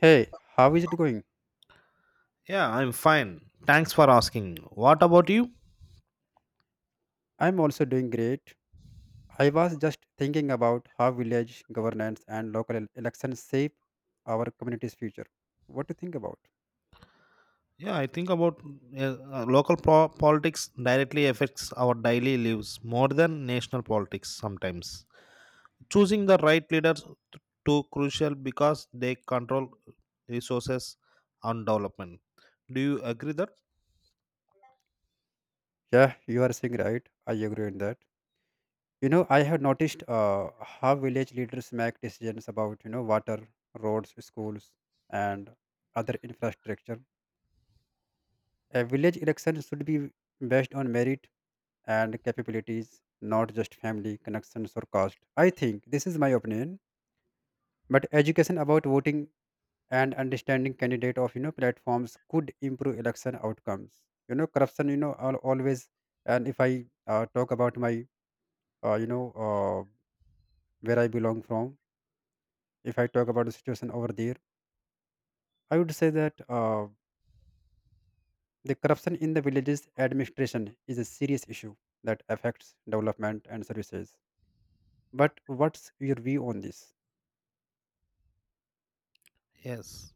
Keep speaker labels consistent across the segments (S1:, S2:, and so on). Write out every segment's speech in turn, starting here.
S1: Hey, how is it going?
S2: Yeah, I'm fine. Thanks for asking. What about you?
S1: I'm also doing great. I was just thinking about how village governance and elections shape our community's future. What do you think about?
S2: Yeah, I think about local politics directly affects our daily lives more than national politics sometimes. Choosing the right leaders t- too crucial because they control resources and development. Do you agree that?
S1: Yeah, you are saying right. I agree on that. You know, I have noticed how village leaders make decisions about water, roads, schools, and other infrastructure. A village election should be based on merit and capabilities, not just family connections or caste. I think this is my opinion. But education about voting and understanding candidate of platforms could improve election outcomes, corruption, always. And if I talk about my uh, you know uh, where I belong from, if I talk about the situation over there, I would say that the corruption in the villages administration is a serious issue that affects development and services. But what's your view on this?
S2: Yes,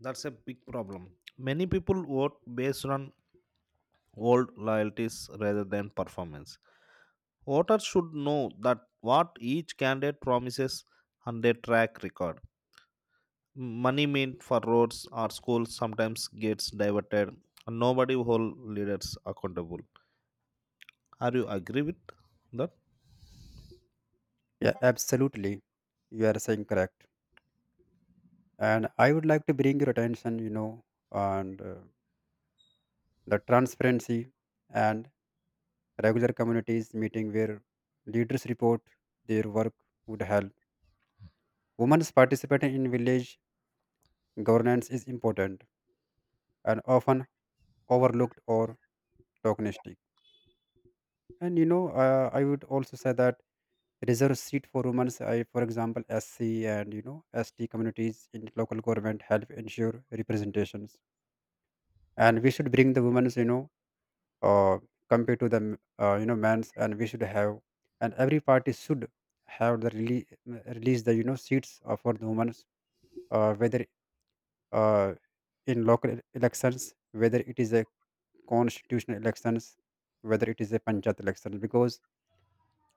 S2: that's a big problem. Many people vote based on old loyalties rather than performance. Voters should know that what each candidate promises and their track record. Money meant for roads or schools sometimes gets diverted, and nobody hold leaders accountable. Are you agree with that?
S1: Yeah, absolutely, you are saying correct. And I would like to bring your attention, and the transparency and regular communities meeting where leaders report their work would help. Women's participation in village governance is important and often overlooked or tokenistic. And I would also say that reserve seat for women, I, for example, SC and ST communities in local government help ensure representations. And we should bring the women's, uh, compared to the men's, and we should have, and every party should have the release the seats for the women's, whether uh, in elections, whether it is a constitutional elections, whether it is a panchayat election, because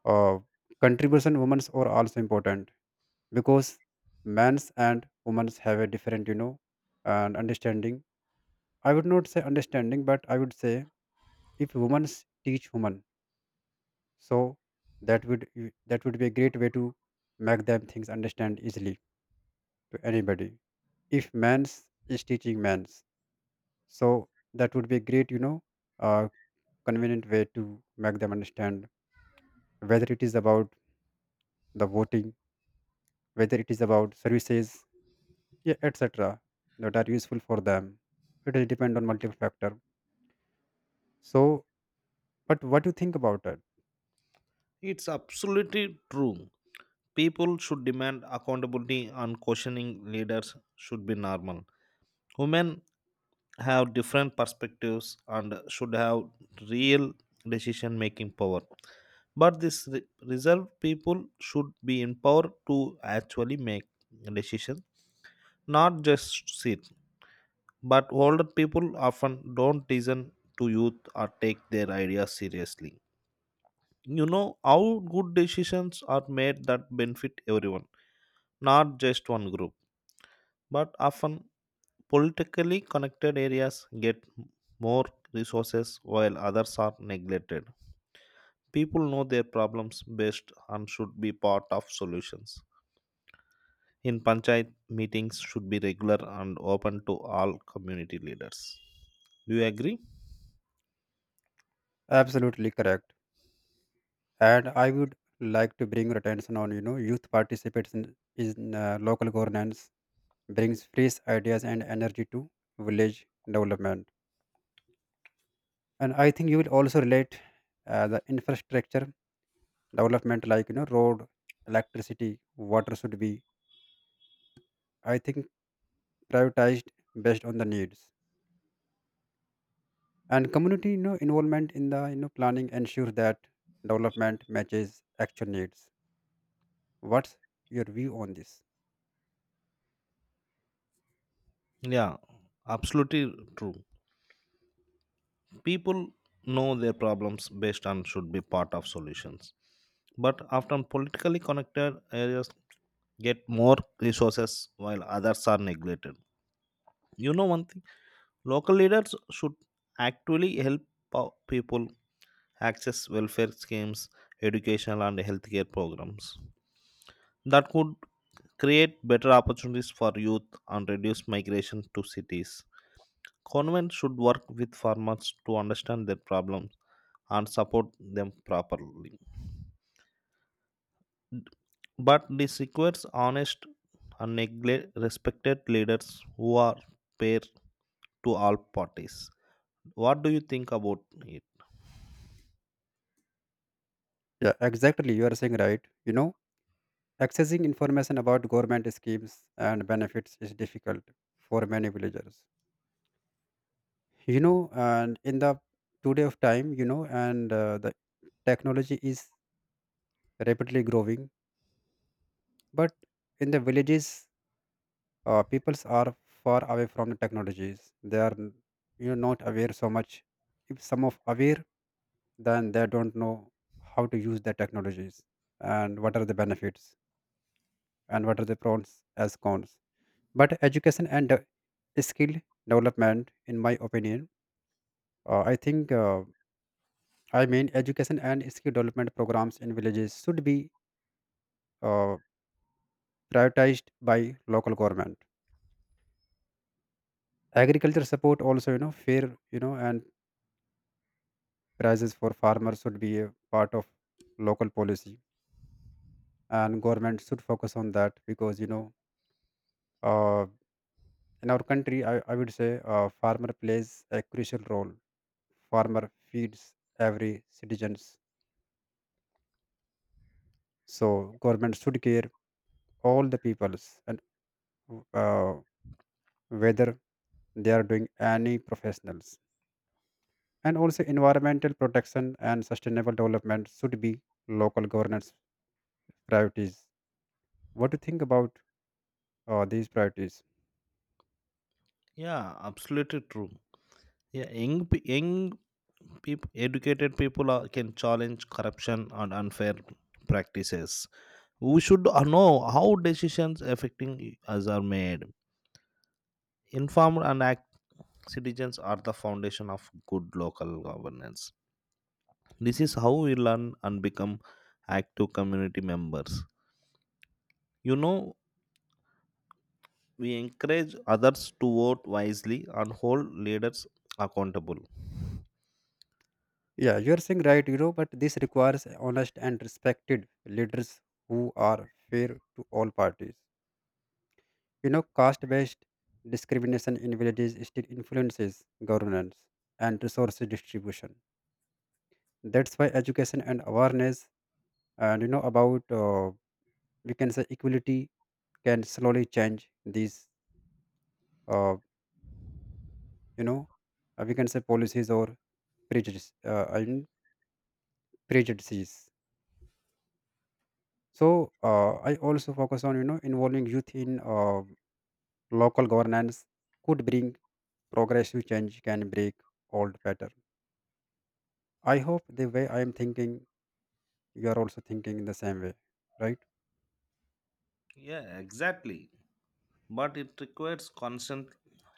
S1: uh, contribution women's are also important, because men's and women's have a different, and understanding, I would not say understanding, but I would say if women's teach women, so that would that would be a great way to make them things understand easily to anybody. If man's is teaching man's, so that would be a great, uh, convenient way to make them understand, whether it is about the voting, whether it is about services, yeah, etc, that are useful for them. It will depend on multiple factor. So but what do you think about it?
S2: It's absolutely true. People should demand accountability and questioning leaders should be normal. Women have different perspectives and should have real decision making power. But this reserved people should be empowered to actually make decisions, not just sit. But older people often don't listen to youth or take their ideas seriously. You know how good decisions are made that benefit everyone, not just one group. But often politically connected areas get more resources while others are neglected. People know their problems best and should be part of solutions. In panchayat, meetings should be regular and open to all community leaders. Do you agree?
S1: Absolutely correct. And I would like to bring your attention on, youth participation in local governance brings fresh ideas and energy to village development. And I think you will also relate, the infrastructure development, like road, electricity, water should be, I think, prioritized based on the needs, and community, involvement in the, planning ensures that development matches actual needs. What's your view on this?
S2: Yeah, absolutely true. People know their problems best and should be part of solutions. But often politically connected areas get more resources while others are neglected. You know one thing, local leaders should actually help people access welfare schemes, educational and healthcare programs that could create better opportunities for youth and reduce migration to cities. Government should work with farmers to understand their problems and support them properly. But this requires honest and respected leaders who are fair to all parties. What do you think about it?
S1: Yeah, exactly, you are saying right. Accessing information about government schemes and benefits is difficult for many villagers. You know, and in the today of time, and the technology is rapidly growing, but in the villages, peoples are far away from the technologies. They are, not aware so much. If some of aware, then they don't know how to use the technologies, and what are the benefits, and what are the pros as cons. But education and skill development, in my opinion, I think, I mean, education and skill development programs in villages should be, uh, prioritized by local government. Agriculture support also, fair, and prices for farmers should be a part of local policy, and government should focus on that, because uh, in our country, I would say farmer plays a crucial role. Farmer feeds every citizen. So government should care all the peoples, and uh, whether they are doing any professionals. And also environmental protection and sustainable development should be local governance priorities. What do you think about these priorities?
S2: Yeah, absolutely true. Yeah, young people, educated people are, can challenge corruption and unfair practices we should know how decisions affecting us are made. Informed and active citizens are the foundation of good local governance. This is how we learn and become active community members. You know, we encourage others to vote wisely and hold leaders accountable.
S1: Yeah, you're saying right. You know, but this requires honest and respected leaders who are fair to all parties. You know, caste based discrimination in villages still influences governance and resource distribution. That's why education and awareness, and about we can say equality, can slowly change these, uh, you know we can say policies, or prejudice, I mean, prejudices. So I also focus on, involving youth in, local governance could bring progressive change, can break old pattern. I hope the way I am thinking, you are also thinking in the same way, right?
S2: Yeah, exactly. But it requires constant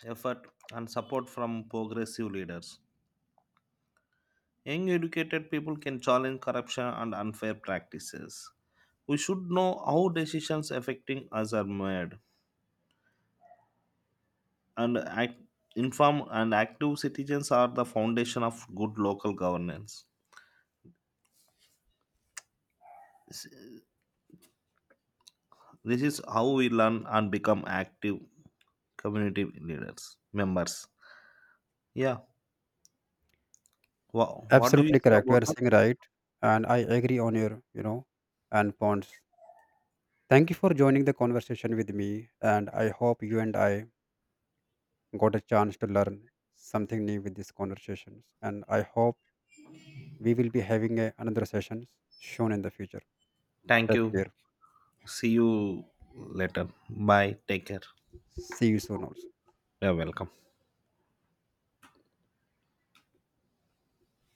S2: effort and support from progressive leaders. Young educated people can challenge corruption and unfair practices. We should know how decisions affecting us are made, and act, informed and active citizens are the foundation of good local governance. This is how we learn and become active community leaders, members. Yeah. Wow. What do you
S1: Absolutely
S2: say
S1: correct. You
S2: about
S1: are
S2: that?
S1: saying right, and I agree on your, and points. Thank you for joining the conversation with me, and I hope you and I got a chance to learn something new with these conversations. And I hope we will be having another sessions soon in the future.
S2: Thank
S1: Take
S2: you.
S1: care.
S2: See you later. Bye. Take care.
S1: See you soon also.
S2: You're welcome.